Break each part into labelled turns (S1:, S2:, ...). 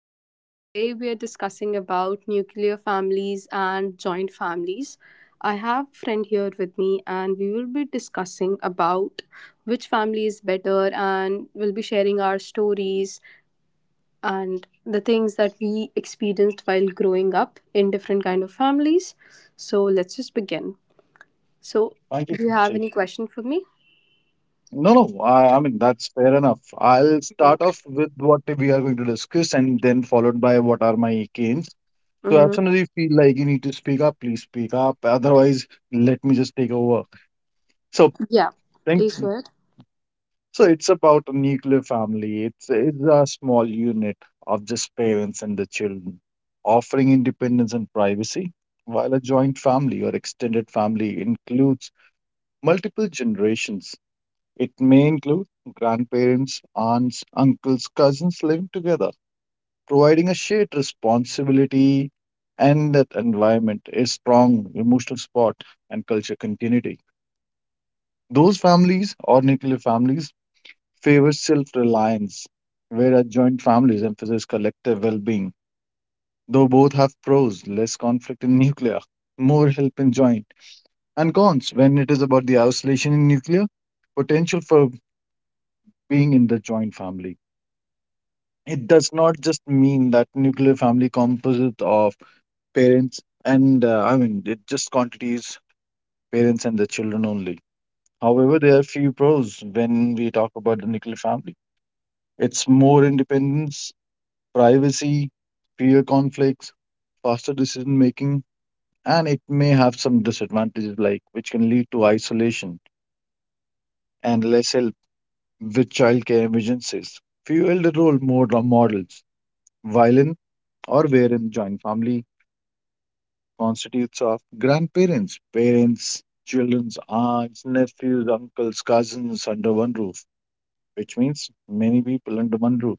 S1: So, today we are discussing about nuclear families and joint families. I have a friend here with me, and we will be discussing about which family is better, and we'll be sharing our stories and the things that we experienced while growing up in different kind of families. So, let's just begin. So,
S2: Thank you,
S1: do you have
S2: Abhishek.
S1: any question for me?
S2: No, no, I mean, that's fair enough. I'll
S1: Mhm.
S2: start off with what we are going to discuss and then followed by what are my gains. So,
S1: Mhm.
S2: as soon as you feel like you need to speak up, please speak up. Otherwise, let me just take over. So,
S1: Yeah,
S2: thank
S1: please go ahead.
S2: So, it's about a nuclear family. It's a small unit of just parents and the children, offering independence and privacy, while a joint family or extended family includes multiple generations. It may include grandparents, aunts, uncles, cousins living together, providing a shared responsibility and that environment, a strong emotional support and culture continuity. Those families or nuclear families favor self reliance, whereas joint families emphasize collective well being. Though both have pros, less conflict in nuclear, more help in joint, and cons when it is about the isolation in nuclear, potential for being in the joint family. It does not just mean that nuclear family composite of parents and it just quantities parents and the children only. However, there are few pros when we talk about the nuclear family. It's more independence, privacy, fewer conflicts, faster decision making, and it may have some disadvantages like which can lead to isolation and less help with childcare emergencies, few elder role more models, violin, or wherein joint family constitutes of grandparents, parents, children's aunts, nephews, uncles, cousins under one roof, which means many people under one roof,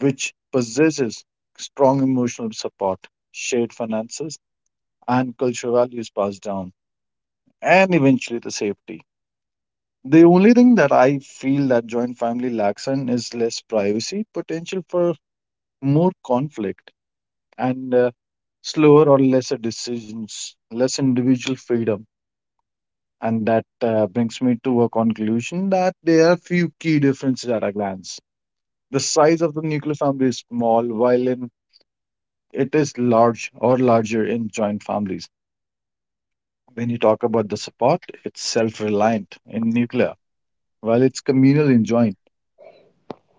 S2: which possesses strong emotional support, shared finances, and cultural values passed down, and eventually the safety. The only thing that I feel that joint family lacks in is less privacy, potential for more conflict, and slower or lesser decisions, less individual freedom. And that brings me to a conclusion that there are few key differences at a glance. The size of the nuclear family is small, while in, it is large or larger in joint families. When you talk about the support, it's self reliant in nuclear, while it's communal in joint.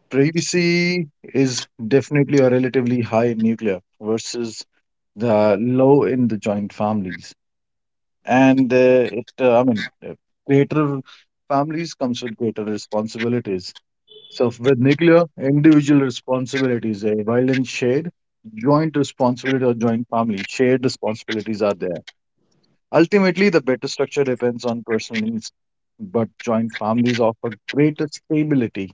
S2: Privacy is definitely or relatively high in nuclear versus the low in the joint families. And greater families comes with greater responsibilities. So with nuclear, individual responsibilities, while in shared, joint responsibility or joint family, shared responsibilities are there. Ultimately, the better structure depends on personal needs, but joint families offer greater stability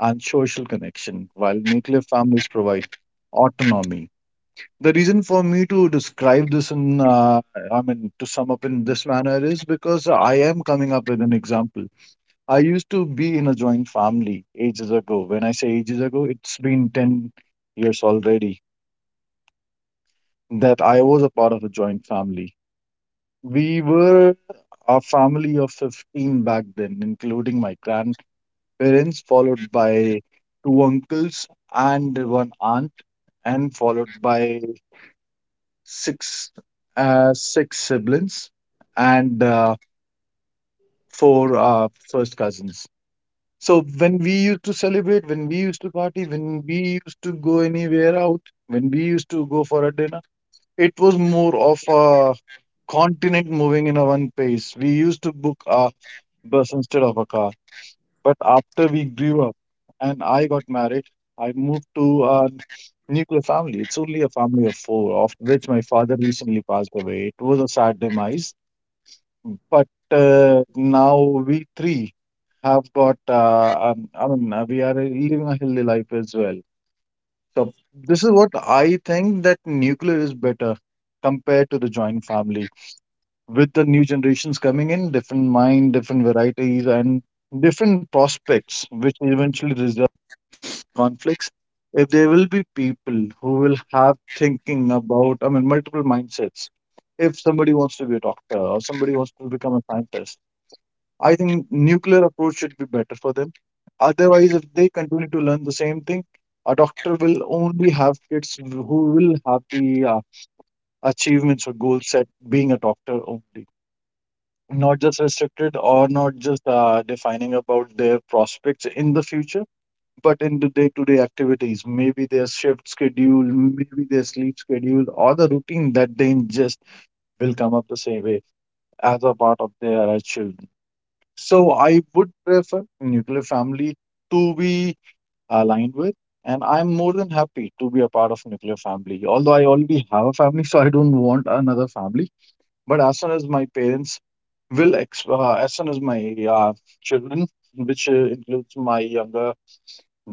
S2: and social connection, while nuclear families provide autonomy. The reason for me to describe this to sum up in this manner is because I am coming up with an example. I used to be in a joint family ages ago. When I say ages ago, it's been 10 years already that I was a part of a joint family. We were a family of 15 back then, including my grandparents, followed by two uncles and one aunt, and followed by six six siblings and four first cousins. So when we used to celebrate, when we used to party, when we used to go anywhere out, when we used to go for a dinner, it was more of a continent moving in a one pace. We used to book a bus instead of a car. But after we grew up and I got married, I moved to a nuclear family. It's only a family of four, of which my father recently passed away. It was a sad demise. But now we three have got, we are living a healthy life as well. So this is what I think that nuclear is better compared to the joint family. With the new generations coming in, different mind, different varieties, and different prospects, which eventually result in conflicts. If there will be people who will have thinking about, I mean, multiple mindsets. If somebody wants to be a doctor or somebody wants to become a scientist, I think nuclear approach should be better for them. Otherwise, if they continue to learn the same thing, a doctor will only have kids who will have the achievements or goals set being a doctor only, not just restricted or not just defining about their prospects in the future, but in the day-to-day activities, maybe their shift schedule, maybe their sleep schedule, or the routine that they ingest will come up the same way as a part of their children. So I would prefer nuclear family to be aligned with, and I'm more than happy to be a part of nuclear family. Although I already have a family, so I don't want another family. But as soon as my parents will, as soon as my children, which includes my younger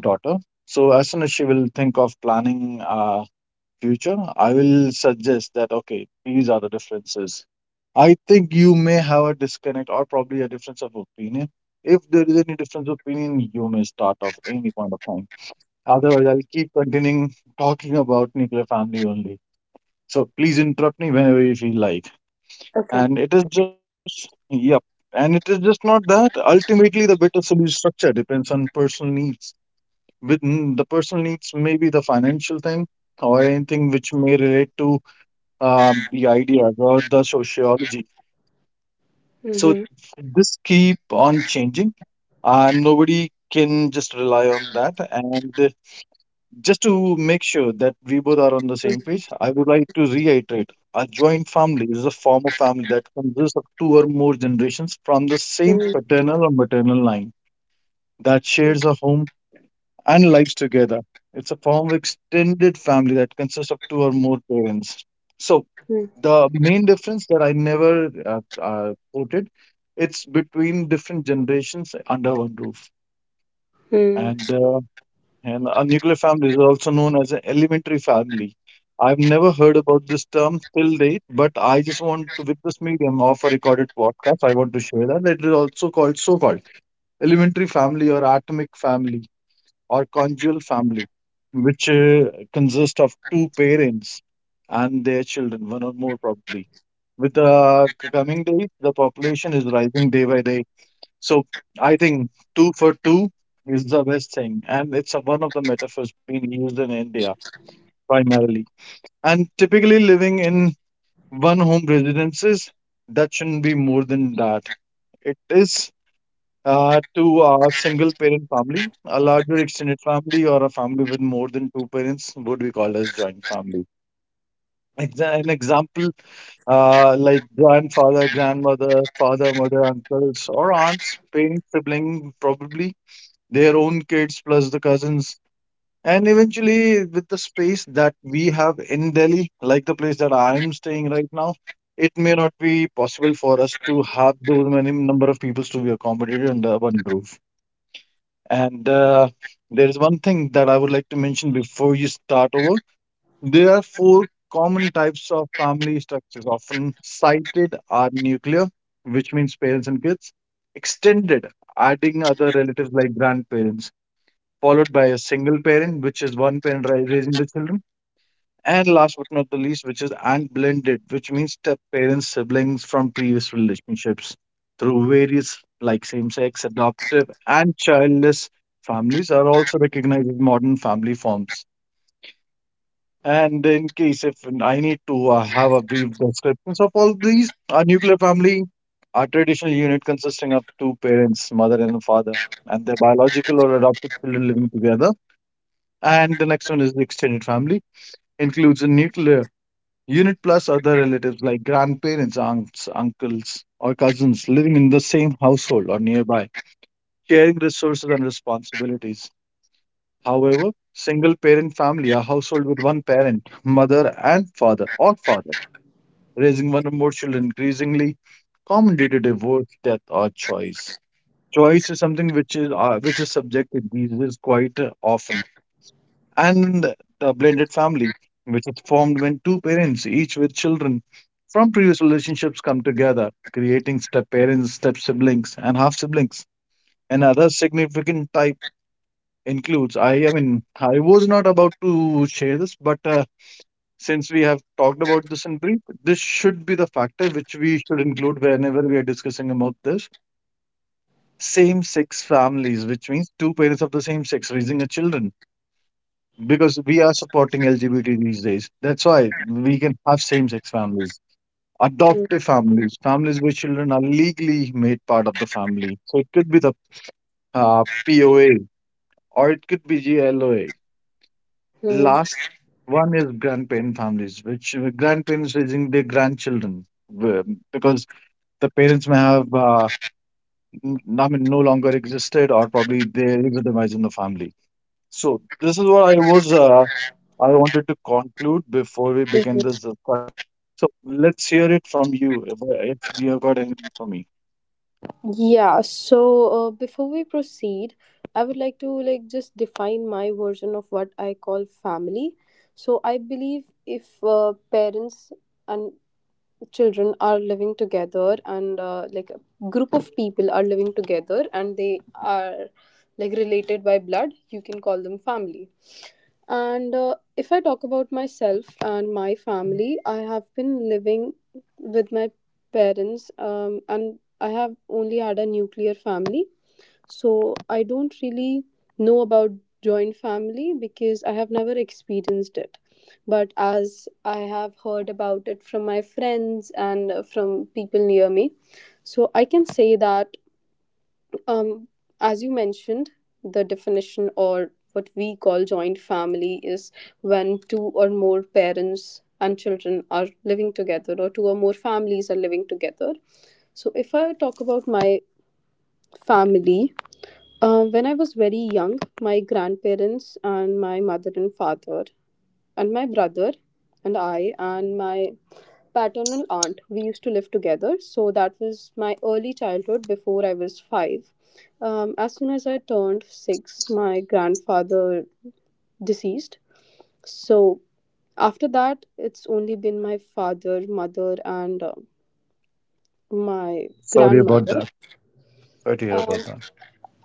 S2: daughter, so as soon as she will think of planning. Future, I will suggest that okay, these are the differences. I think you may have a disconnect or probably a difference of opinion. If there is any difference of opinion, you may start off any point of time. Otherwise, I'll keep continuing talking about nuclear family only. So please interrupt me whenever you feel like.
S1: Okay.
S2: And it is just, yep. And it is just not that. Ultimately, the better solution structure depends on personal needs. With the personal needs, may be the financial thing or anything which may relate to the idea or the sociology. So this keep on changing, and nobody can just rely on that. And just to make sure that we both are on the same
S1: Mm-hmm.
S2: page, I would like to reiterate: a joint family is a form of family that consists of two or more generations from the same paternal or maternal line that shares a home and lives together. It's a form of extended family that consists of two or more parents. So
S1: Hmm.
S2: the main difference that I never quoted, it's between different generations under one roof.
S1: Hmm.
S2: And uh, and a nuclear family is also known as an elementary family. I've never heard about this term till date, but I just want to, with this medium of a recorded podcast, I want to share that it is also called so-called elementary family or atomic family or conjugal family, which consists of two parents and their children, one or more probably with the coming days, the population is rising day by day. So I think two for two is the best thing. And it's a, one of the metaphors being used in India primarily. And typically living in one home residences, that shouldn't be more than that. It is to a single parent family, a larger extended family, or a family with more than two parents would be called as joint family. An example like grandfather, grandmother, father, mother, uncles, or aunts, parent, sibling, probably their own kids plus the cousins. And eventually, with the space that we have in Delhi, like the place that I am staying right now, it may not be possible for us to have those many number of people to be accommodated under one roof. And there is one thing that I would like to mention before you start over. There are four common types of family structures often cited are nuclear, which means parents and kids, extended, adding other relatives like grandparents, followed by a single parent, which is one parent raising the children, and last but not the least, which is and blended, which means step parents, siblings from previous relationships through various like same-sex, adoptive, and childless families are also recognized as modern family forms. And in case if I need to have a brief descriptions of all these, a nuclear family, a traditional unit consisting of two parents, mother and father, and their biological or adopted children living together. And the next one is the extended family, includes a nuclear unit plus other relatives like grandparents, aunts, uncles, or cousins living in the same household or nearby, sharing resources and responsibilities. However, single parent family, a household with one parent, mother and father, or father raising one or more children increasingly common due to divorce, death, or choice. Choice is something which is subjected these days quite often, and the blended family, which is formed when two parents, each with children from previous relationships, come together, creating step parents, step siblings, and half siblings. Another significant type includes I was not about to share this, but since we have talked about this in brief, this should be the factor which we should include whenever we are discussing about this. Same sex families, which means two parents of the same sex raising a children, because we are supporting LGBT these days. That's why we can have same sex families, adoptive families, families where children are legally made part of the family. So it could be the POA or it could be GLOA.
S1: Hmm.
S2: Last one is grandparent families, which grandparents raising their grandchildren uh, because the parents may have, no longer existed or probably they legitimized in the family. So this is what I wanted to conclude before we begin this discussion. So let's hear it from you if you have got anything for me.
S1: Yeah, so before we proceed, I would like to just define my version of what I call family. So I believe if parents and children are living together and like a group of people are living together and they are like related by blood, you can call them family. And if I talk about myself and my family, I have been living with my parents, and I have only had a nuclear family, so I don't really know about joint family because I have never experienced it. But as I have heard about it from my friends and from people near me, so I can say that, um, as you mentioned, the definition or what we call joint family is when two or more parents and children are living together, or two or more families are living together. So, if I talk about my family, when I was very young, my grandparents and my mother and father and my brother and I and my paternal aunt we used to live together. So that was my early childhood before I was five. As soon as I turned six, my grandfather deceased. So after that, it's only been my father, mother, and my
S2: Sorry about
S1: grandmother.
S2: that. Sorry to hear
S1: Um,
S2: about that.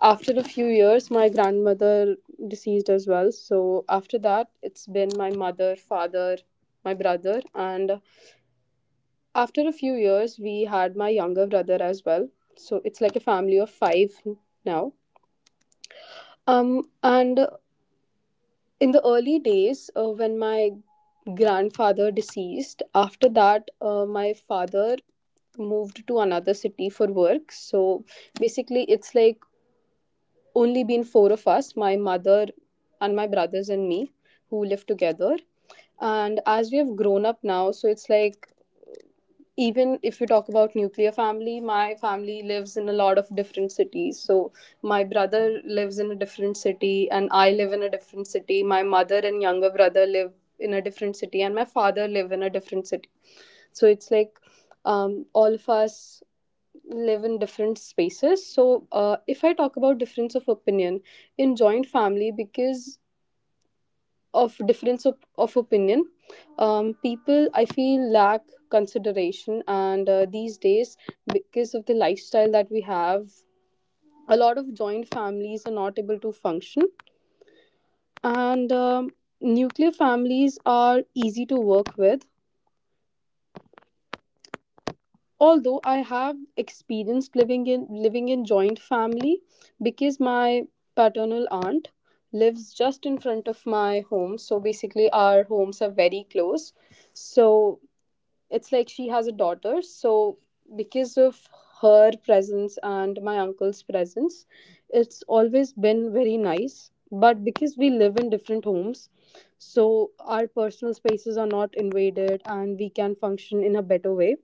S1: after a few years my grandmother deceased as well, so after that it's been my mother, father, my brother, and after a few years we had my younger brother as well, so it's like a family of 5 now. And in the early days, when my grandfather deceased, after that my father moved to another city for work, so basically it's like only been four of us, my mother and my brothers and me, who live together. And as we have grown up now, so it's like even if we talk about nuclear family, my family lives in a lot of different cities. So my brother lives in a different city and I live in a different city, my mother and younger brother live in a different city, and my father live in a different city. So it's like, all of us live in different spaces. So if I talk about difference of opinion in joint family, because of difference of opinion, people, I feel, lack consideration. And these days, because of the lifestyle that we have, a lot of joint families are not able to function, and nuclear families are easy to work with. Although I have experienced living in joint family because my paternal aunt lives just in front of my home, so basically our homes are very close. So it's like she has a daughter, so because of her presence and my uncle's presence, it's always been very nice. But because we live in different homes, so our personal spaces are not invaded and we can function in a better way.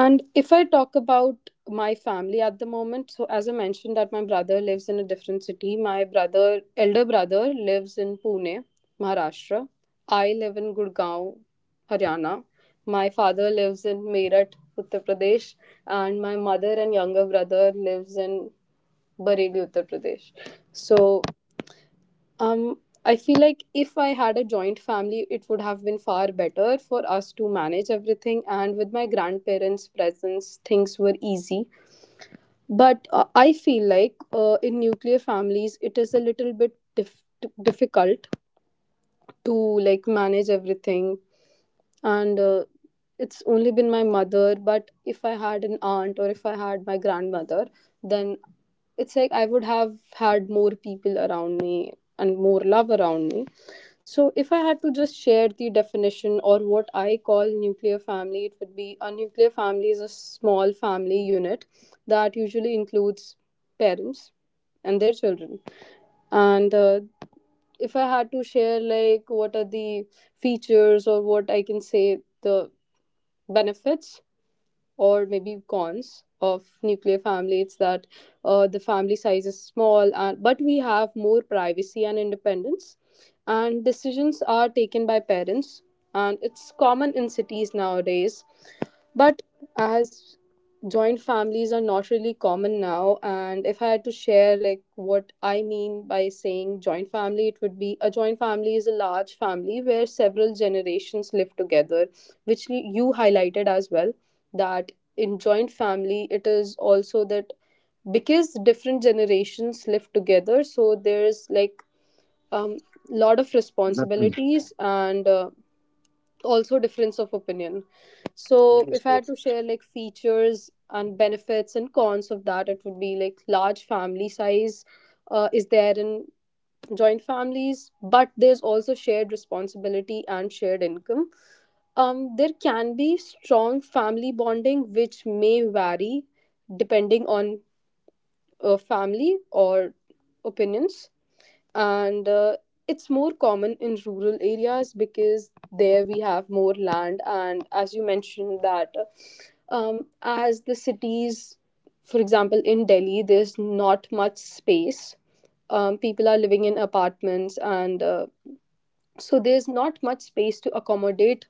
S1: And if I talk about my family at the moment, so as I mentioned that my brother lives in a different city. My brother, elder brother, lives in Pune, Maharashtra. I live in Gurgaon, Haryana. My father lives in Meerut, Uttar Pradesh, and my mother and younger brother lives in Bareilly, Uttar Pradesh. So um, I feel like if I had a joint family, it would have been far better for us to manage everything. And with my grandparents' presence, things were easy. But I feel like in nuclear families, it is a little bit difficult to like manage everything. And it's only been my mother, but if I had an aunt or if I had my grandmother, then it's like I would have had more people around me and more love around me. So if I had to just share the definition or what I call nuclear family, it would be: a nuclear family is a small family unit that usually includes parents and their children. And if I had to share like what are the features, or what I can say, the benefits or maybe cons of nuclear family, it's that the family size is small, and but we have more privacy and independence, and decisions are taken by parents, and it's common in cities nowadays. But as joint families are not really common now, and if I had to share like what I mean by saying joint family, it would be: a joint family is a large family where several generations live together, which you highlighted as well. That in joint family, it is also that because different generations live together, so there's like um lot of
S2: Exactly.
S1: responsibilities and also difference of opinion. So, if
S2: Yes,
S1: I had to
S2: yes.
S1: share like features and benefits and cons of that, it would be like large family size is there in joint families, but there's also shared responsibility and shared income. There can be strong family bonding, which may vary depending on family or opinions. And it's more common in rural areas because there we have more land. And as you mentioned that, as the cities, for example in Delhi, there's not much space, people are living in apartments, and so there's not much space to accommodate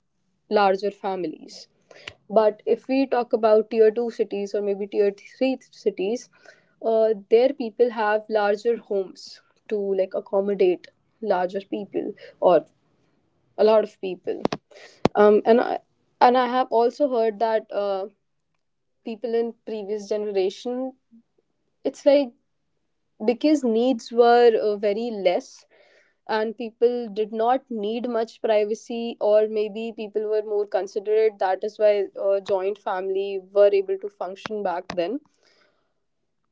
S1: larger families. But if we talk about tier 2 cities or maybe tier 3 cities, their people have larger homes to like accommodate larger people or a lot of people. um, and I, and I have also heard that people in previous generation, it's like because needs were very less and people did not need much privacy, or maybe people were more considerate, that is why joint family were able to function back then.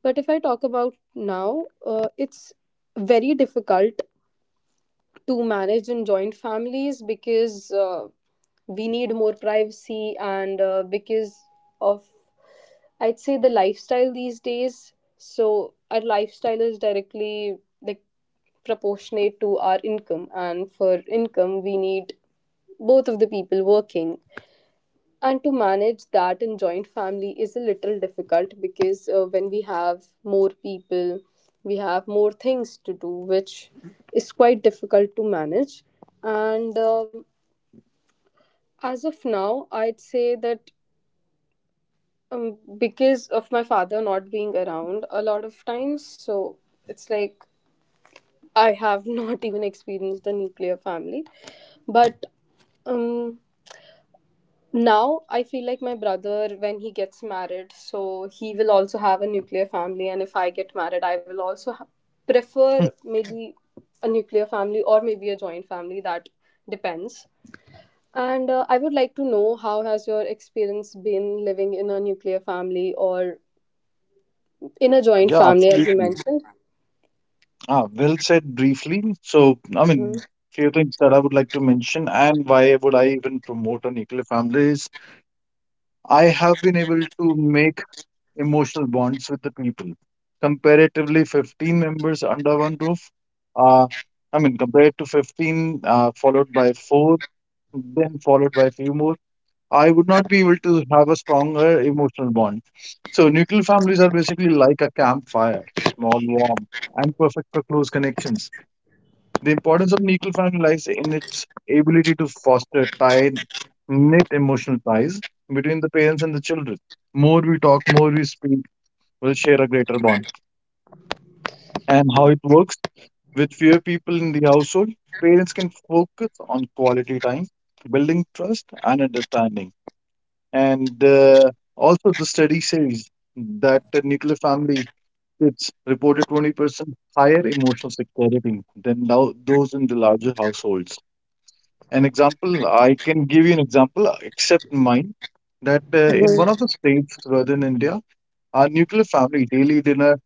S1: But if I talk about now, it's very difficult to manage in joint families, because we need more privacy. And because of, I'd say, the lifestyle these days, so our lifestyle is directly like proportionate to our income, and for income we need both of the people working, and to manage that in joint family is a little difficult because when we have more people, we have more things to do, which is quite difficult to manage. And as of now, I'd say that, because of my father not being around a lot of times, so it's like I have not even experienced a nuclear family. But um now I feel like my brother, when he gets married, so he will also have a nuclear family. And if I get married, I will also prefer maybe a nuclear family or maybe a joint family, that depends. And I would like to know how has your experience been living in a nuclear family or in a joint
S2: Yeah,
S1: family, as you
S2: absolutely.
S1: mentioned.
S2: Ah, well said briefly.
S1: Mhm,
S2: Few things that I would like to mention, and why would I even promote a nuclear family is I have been able to make emotional bonds with the people. Comparatively, 15 members under one roof. Uh, I mean, compared to 15, followed by four, then followed by a few more, I would not be able to have a stronger emotional bond. So, nuclear families are basically like a campfire, small, warm, and perfect for close connections. The importance of nuclear family lies in its ability to foster tight, knit emotional ties between the parents and the children. More we talk, more we speak, we'll share a greater bond. And how it works, with fewer people in the household, parents can focus on quality time, building trust and understanding. And Also, the study says that the nuclear family kids reported 20% higher emotional security than those in the larger households. An example, I can give you an example, except mine, that in one of the
S1: mhm,
S2: states, within India, our nuclear family daily dinner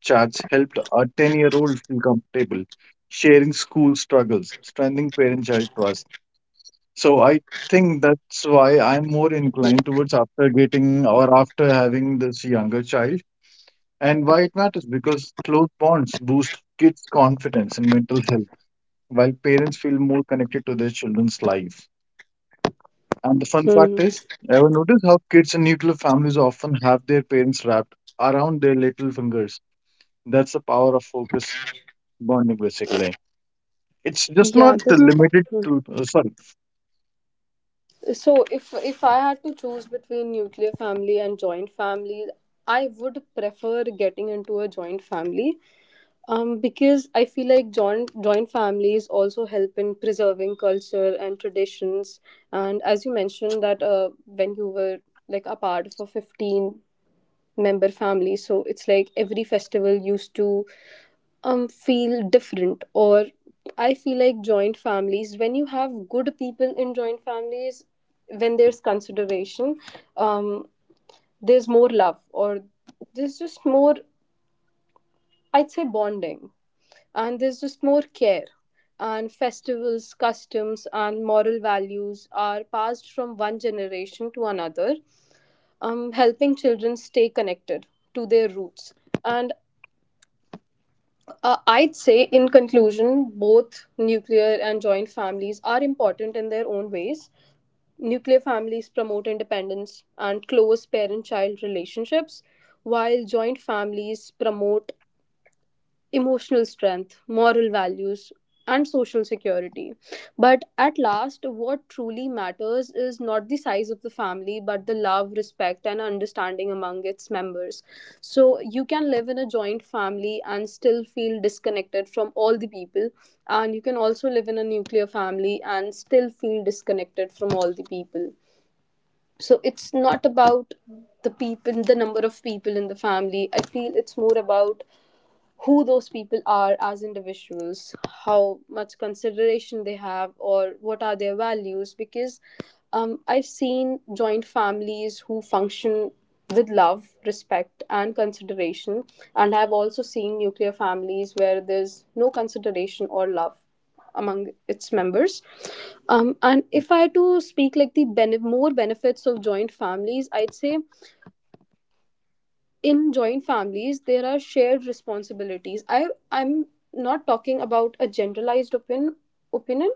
S2: chats helped a 10-year-old feel comfortable, sharing school struggles, strengthening parent-child trust. So I think that's why I'm more inclined towards after getting or after having this younger child. And why it matters, because close bonds boost kids' confidence and mental health, while parents feel more connected to their children's life. And the fun fact
S1: mhm.
S2: is, ever notice how kids in nuclear families often have their parents wrapped around their little fingers? That's the power of focus bonding, basically. It's just not
S1: Yeah, that,
S2: limited
S1: mhm.
S2: to. Sorry.
S1: So if I had to choose between nuclear family and joint family, I would prefer getting into a joint family, because I feel like joint families also help in preserving culture and traditions. And as you mentioned that, when you were like a part of a 15-member family, so it's like every festival used to feel different. Or I feel like joint families, when you have good people in joint families, when there's consideration, um there's more love, or there's just more, I'd say, bonding, and there's just more care. And festivals, customs, and moral values are passed from one generation to another, helping children stay connected to their roots. And uh, I'd say, in conclusion, both nuclear and joint families are important in their own ways. Nuclear families promote independence and close parent child relationships, while joint families promote emotional strength, moral values, and social security. But at last, what truly matters is not the size of the family, but the love, respect, and understanding among its members. So you can live in a joint family and still feel disconnected from all the people, and you can also live in a nuclear family and still feel disconnected from all the people. So it's not about the people, the number of people in the family. I feel it's more about who those people are as individuals, how much consideration they have, or what are their values. Because I've seen joint families who function with love, respect, and consideration, and I've also seen nuclear families where there's no consideration or love among its members. And if I had to speak like more benefits of joint families, I'd say in joint families there are shared responsibilities. I'm not talking about a generalized opinion.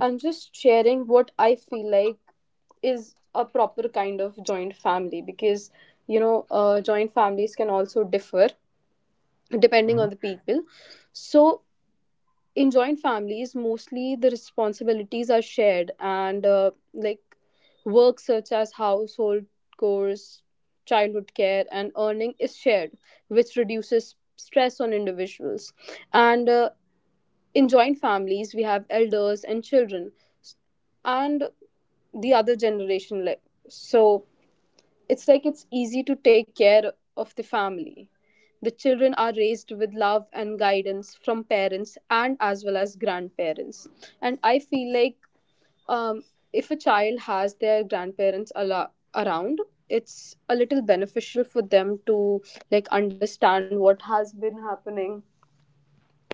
S1: I'm just sharing what I feel like is a proper kind of joint family because joint families can also differ depending on the
S2: Mhm,
S1: people. So in joint families mostly the responsibilities are shared, and like work such as household chores, childhood care, and earning is shared, which reduces stress on individuals. And in joint families we have elders and children and the other generation, like so it's like it's easy to take care of the family. The children are raised with love and guidance from parents and as well as grandparents. And I feel like um, if a child has their around, it's a little beneficial for them to like understand what has been happening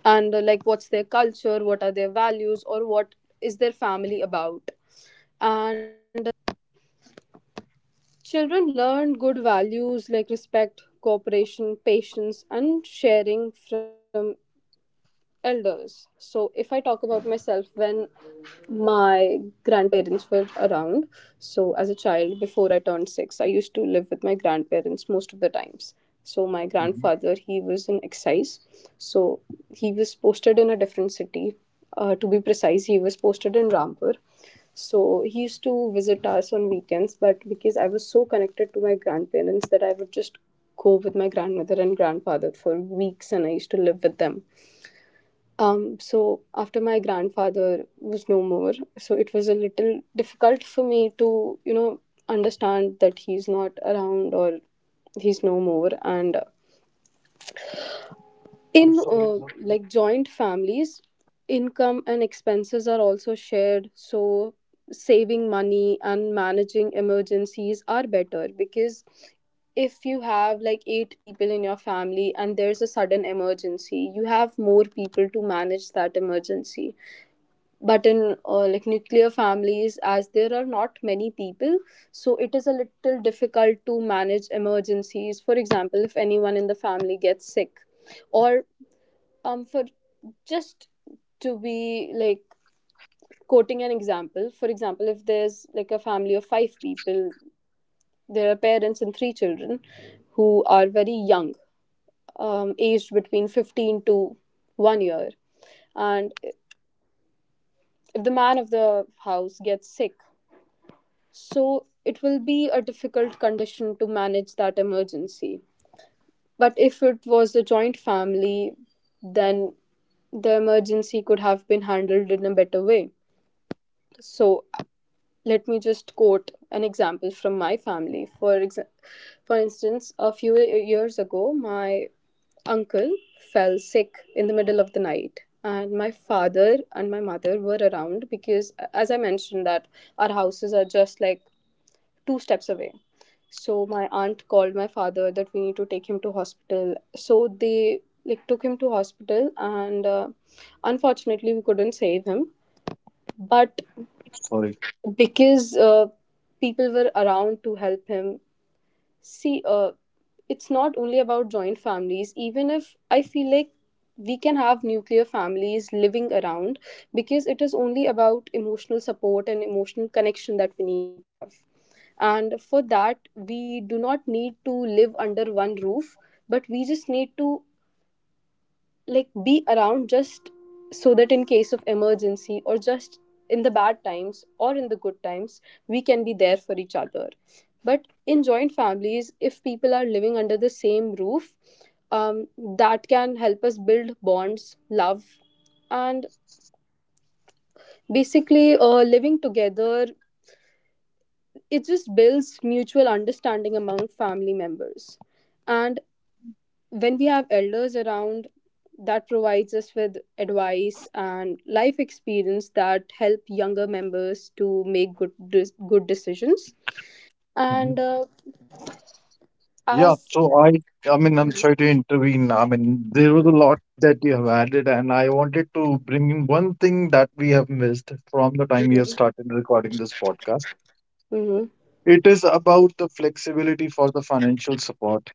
S1: and like what's their culture, what are their values, or what is their family about. And children learn good values like respect, cooperation, patience, and sharing from elders. So, if I talk about myself, when my grandparents were around, so as a child, before I turned six, I used to live with my grandparents most of the times. So, my
S2: mhm.
S1: grandfather, he was in excise. So, he was posted in a different city. To be precise, he was posted in Rampur. So, he used to visit us on weekends, but because I was so connected to my grandparents that I would just go with my grandmother and grandfather for weeks, and I used to live with them. So after my grandfather was no more, so it was a little difficult for me to, you know, understand that he's not around or he's no more. And in
S2: I'm sorry. Not
S1: like
S2: you.
S1: joint families, income and expenses are also shared. So saving money and managing emergencies are better because if you have like eight people in your family and there's a sudden emergency, you have more people to manage that emergency. But in like nuclear families, as there are not many people, so it is a little difficult to manage emergencies. For example, if anyone in the family gets sick, or for just to be like quoting an example, for example, if there's like a family of five people, there are parents and three children who are very young, aged between 15 to 1 year, and if the man of the house gets sick, so it will be a difficult condition to manage that emergency. But if it was a joint family, then the emergency could have been handled in a better way. So let me just quote an example from my family. For instance, a few years ago, my uncle fell sick in the middle of the night, and my father and my mother were around because as I mentioned that our houses are just like two steps away. So my aunt called my father that we need to take him to hospital, so they like took him to hospital, and unfortunately we couldn't save him, but
S2: Sorry.
S1: because people were around to help him. See, it's not only about joint families, even if I feel like we can have nuclear families living around, because it is only about emotional support and emotional connection that we need to have, and for that we do not need to live under one roof, but we just need to like be around just so that in case of emergency, or just in the bad times or in the good times, we can be there for each other. But in joint families, if people are living under the same roof, um, that can help us build bonds, love, and basically living together, it just builds mutual understanding among family members. And when we have elders around, that provides us with advice and life experience that help younger members to make good decisions.
S2: Mhm.
S1: And
S2: Yeah.
S1: as
S2: I'm sorry to intervene. I mean, there was a lot that you have added, and I wanted to bring in one thing that we have missed from the time we have started recording this podcast.
S1: hmm.
S2: It is about the flexibility for the financial support,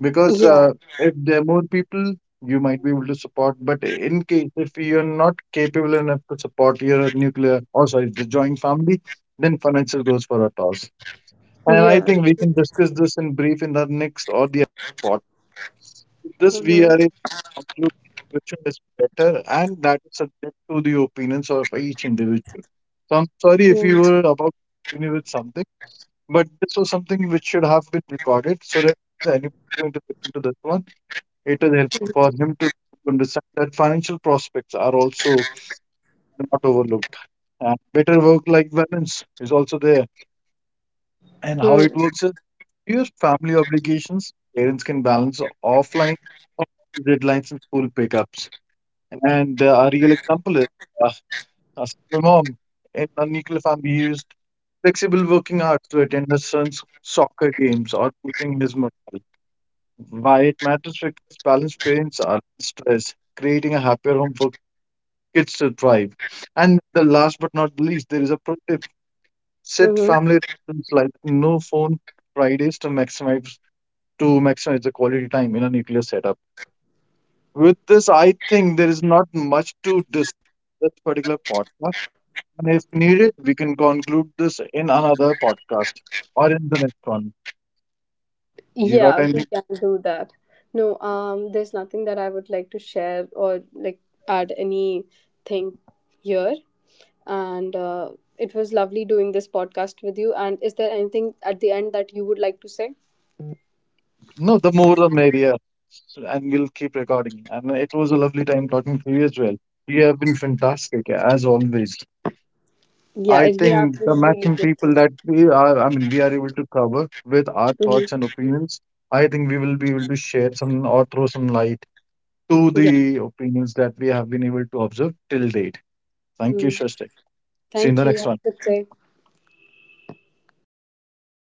S2: because
S1: Yeah,
S2: if there are more people, you might be able to support, but in case if you're not capable enough to support your nuclear, or sorry, the joint family, then financial goes for a toss. And
S1: yeah.
S2: I think we can discuss this in brief in the next or the pod. With
S1: Hmm.
S2: this, we are able to conclude which one is better, and that is subject to the opinions of each individual. So I'm sorry if you
S1: Mm-hmm.
S2: were about to continue with something, but this was something which should have been recorded so that anybody going to listen to this one, it is helpful for him to understand that financial prospects are also not overlooked. And better work-life balance is also there. And how it
S1: Mm-hmm.
S2: works is your family obligations, parents can balance offline deadlines and school pickups. And A real example is uh, a single mom in a nuclear family used flexible working hours to attend her son's soccer games or boosting his morale. Why it matters, because balanced parents are less stressed, creating a happier home for kids to thrive. And the last but not least, there is a a set
S1: Mm-hmm.
S2: family rules like no phone Fridays to maximize the quality time in a nuclear setup. With this, I think there is not much to discuss this particular podcast. And if needed, we can conclude this in another podcast or in the next one. You got
S1: Yeah, we
S2: anything?
S1: can do that. No, there's nothing that I would like to share or like add anything here. And it was lovely doing this podcast with you. And is there anything at the end that you would like to say?
S2: No, the more the merrier. And we'll keep recording. And it was a lovely time talking to you as well. You have been fantastic, as always.
S1: Yeah,
S2: I
S1: it, you have
S2: think
S1: been
S2: the
S1: really
S2: maximum
S1: good. Too.
S2: people that we are, I mean, we are able to cover with our
S1: Mhm.
S2: thoughts and opinions. I think we will be able to share some or throw some light to
S1: Yeah.
S2: the opinions that we have been able to observe till date. Thank you,
S1: Mm.
S2: Shastak. See you in
S1: Thank
S2: the
S1: you.
S2: next
S1: Have
S2: one.
S1: a good day.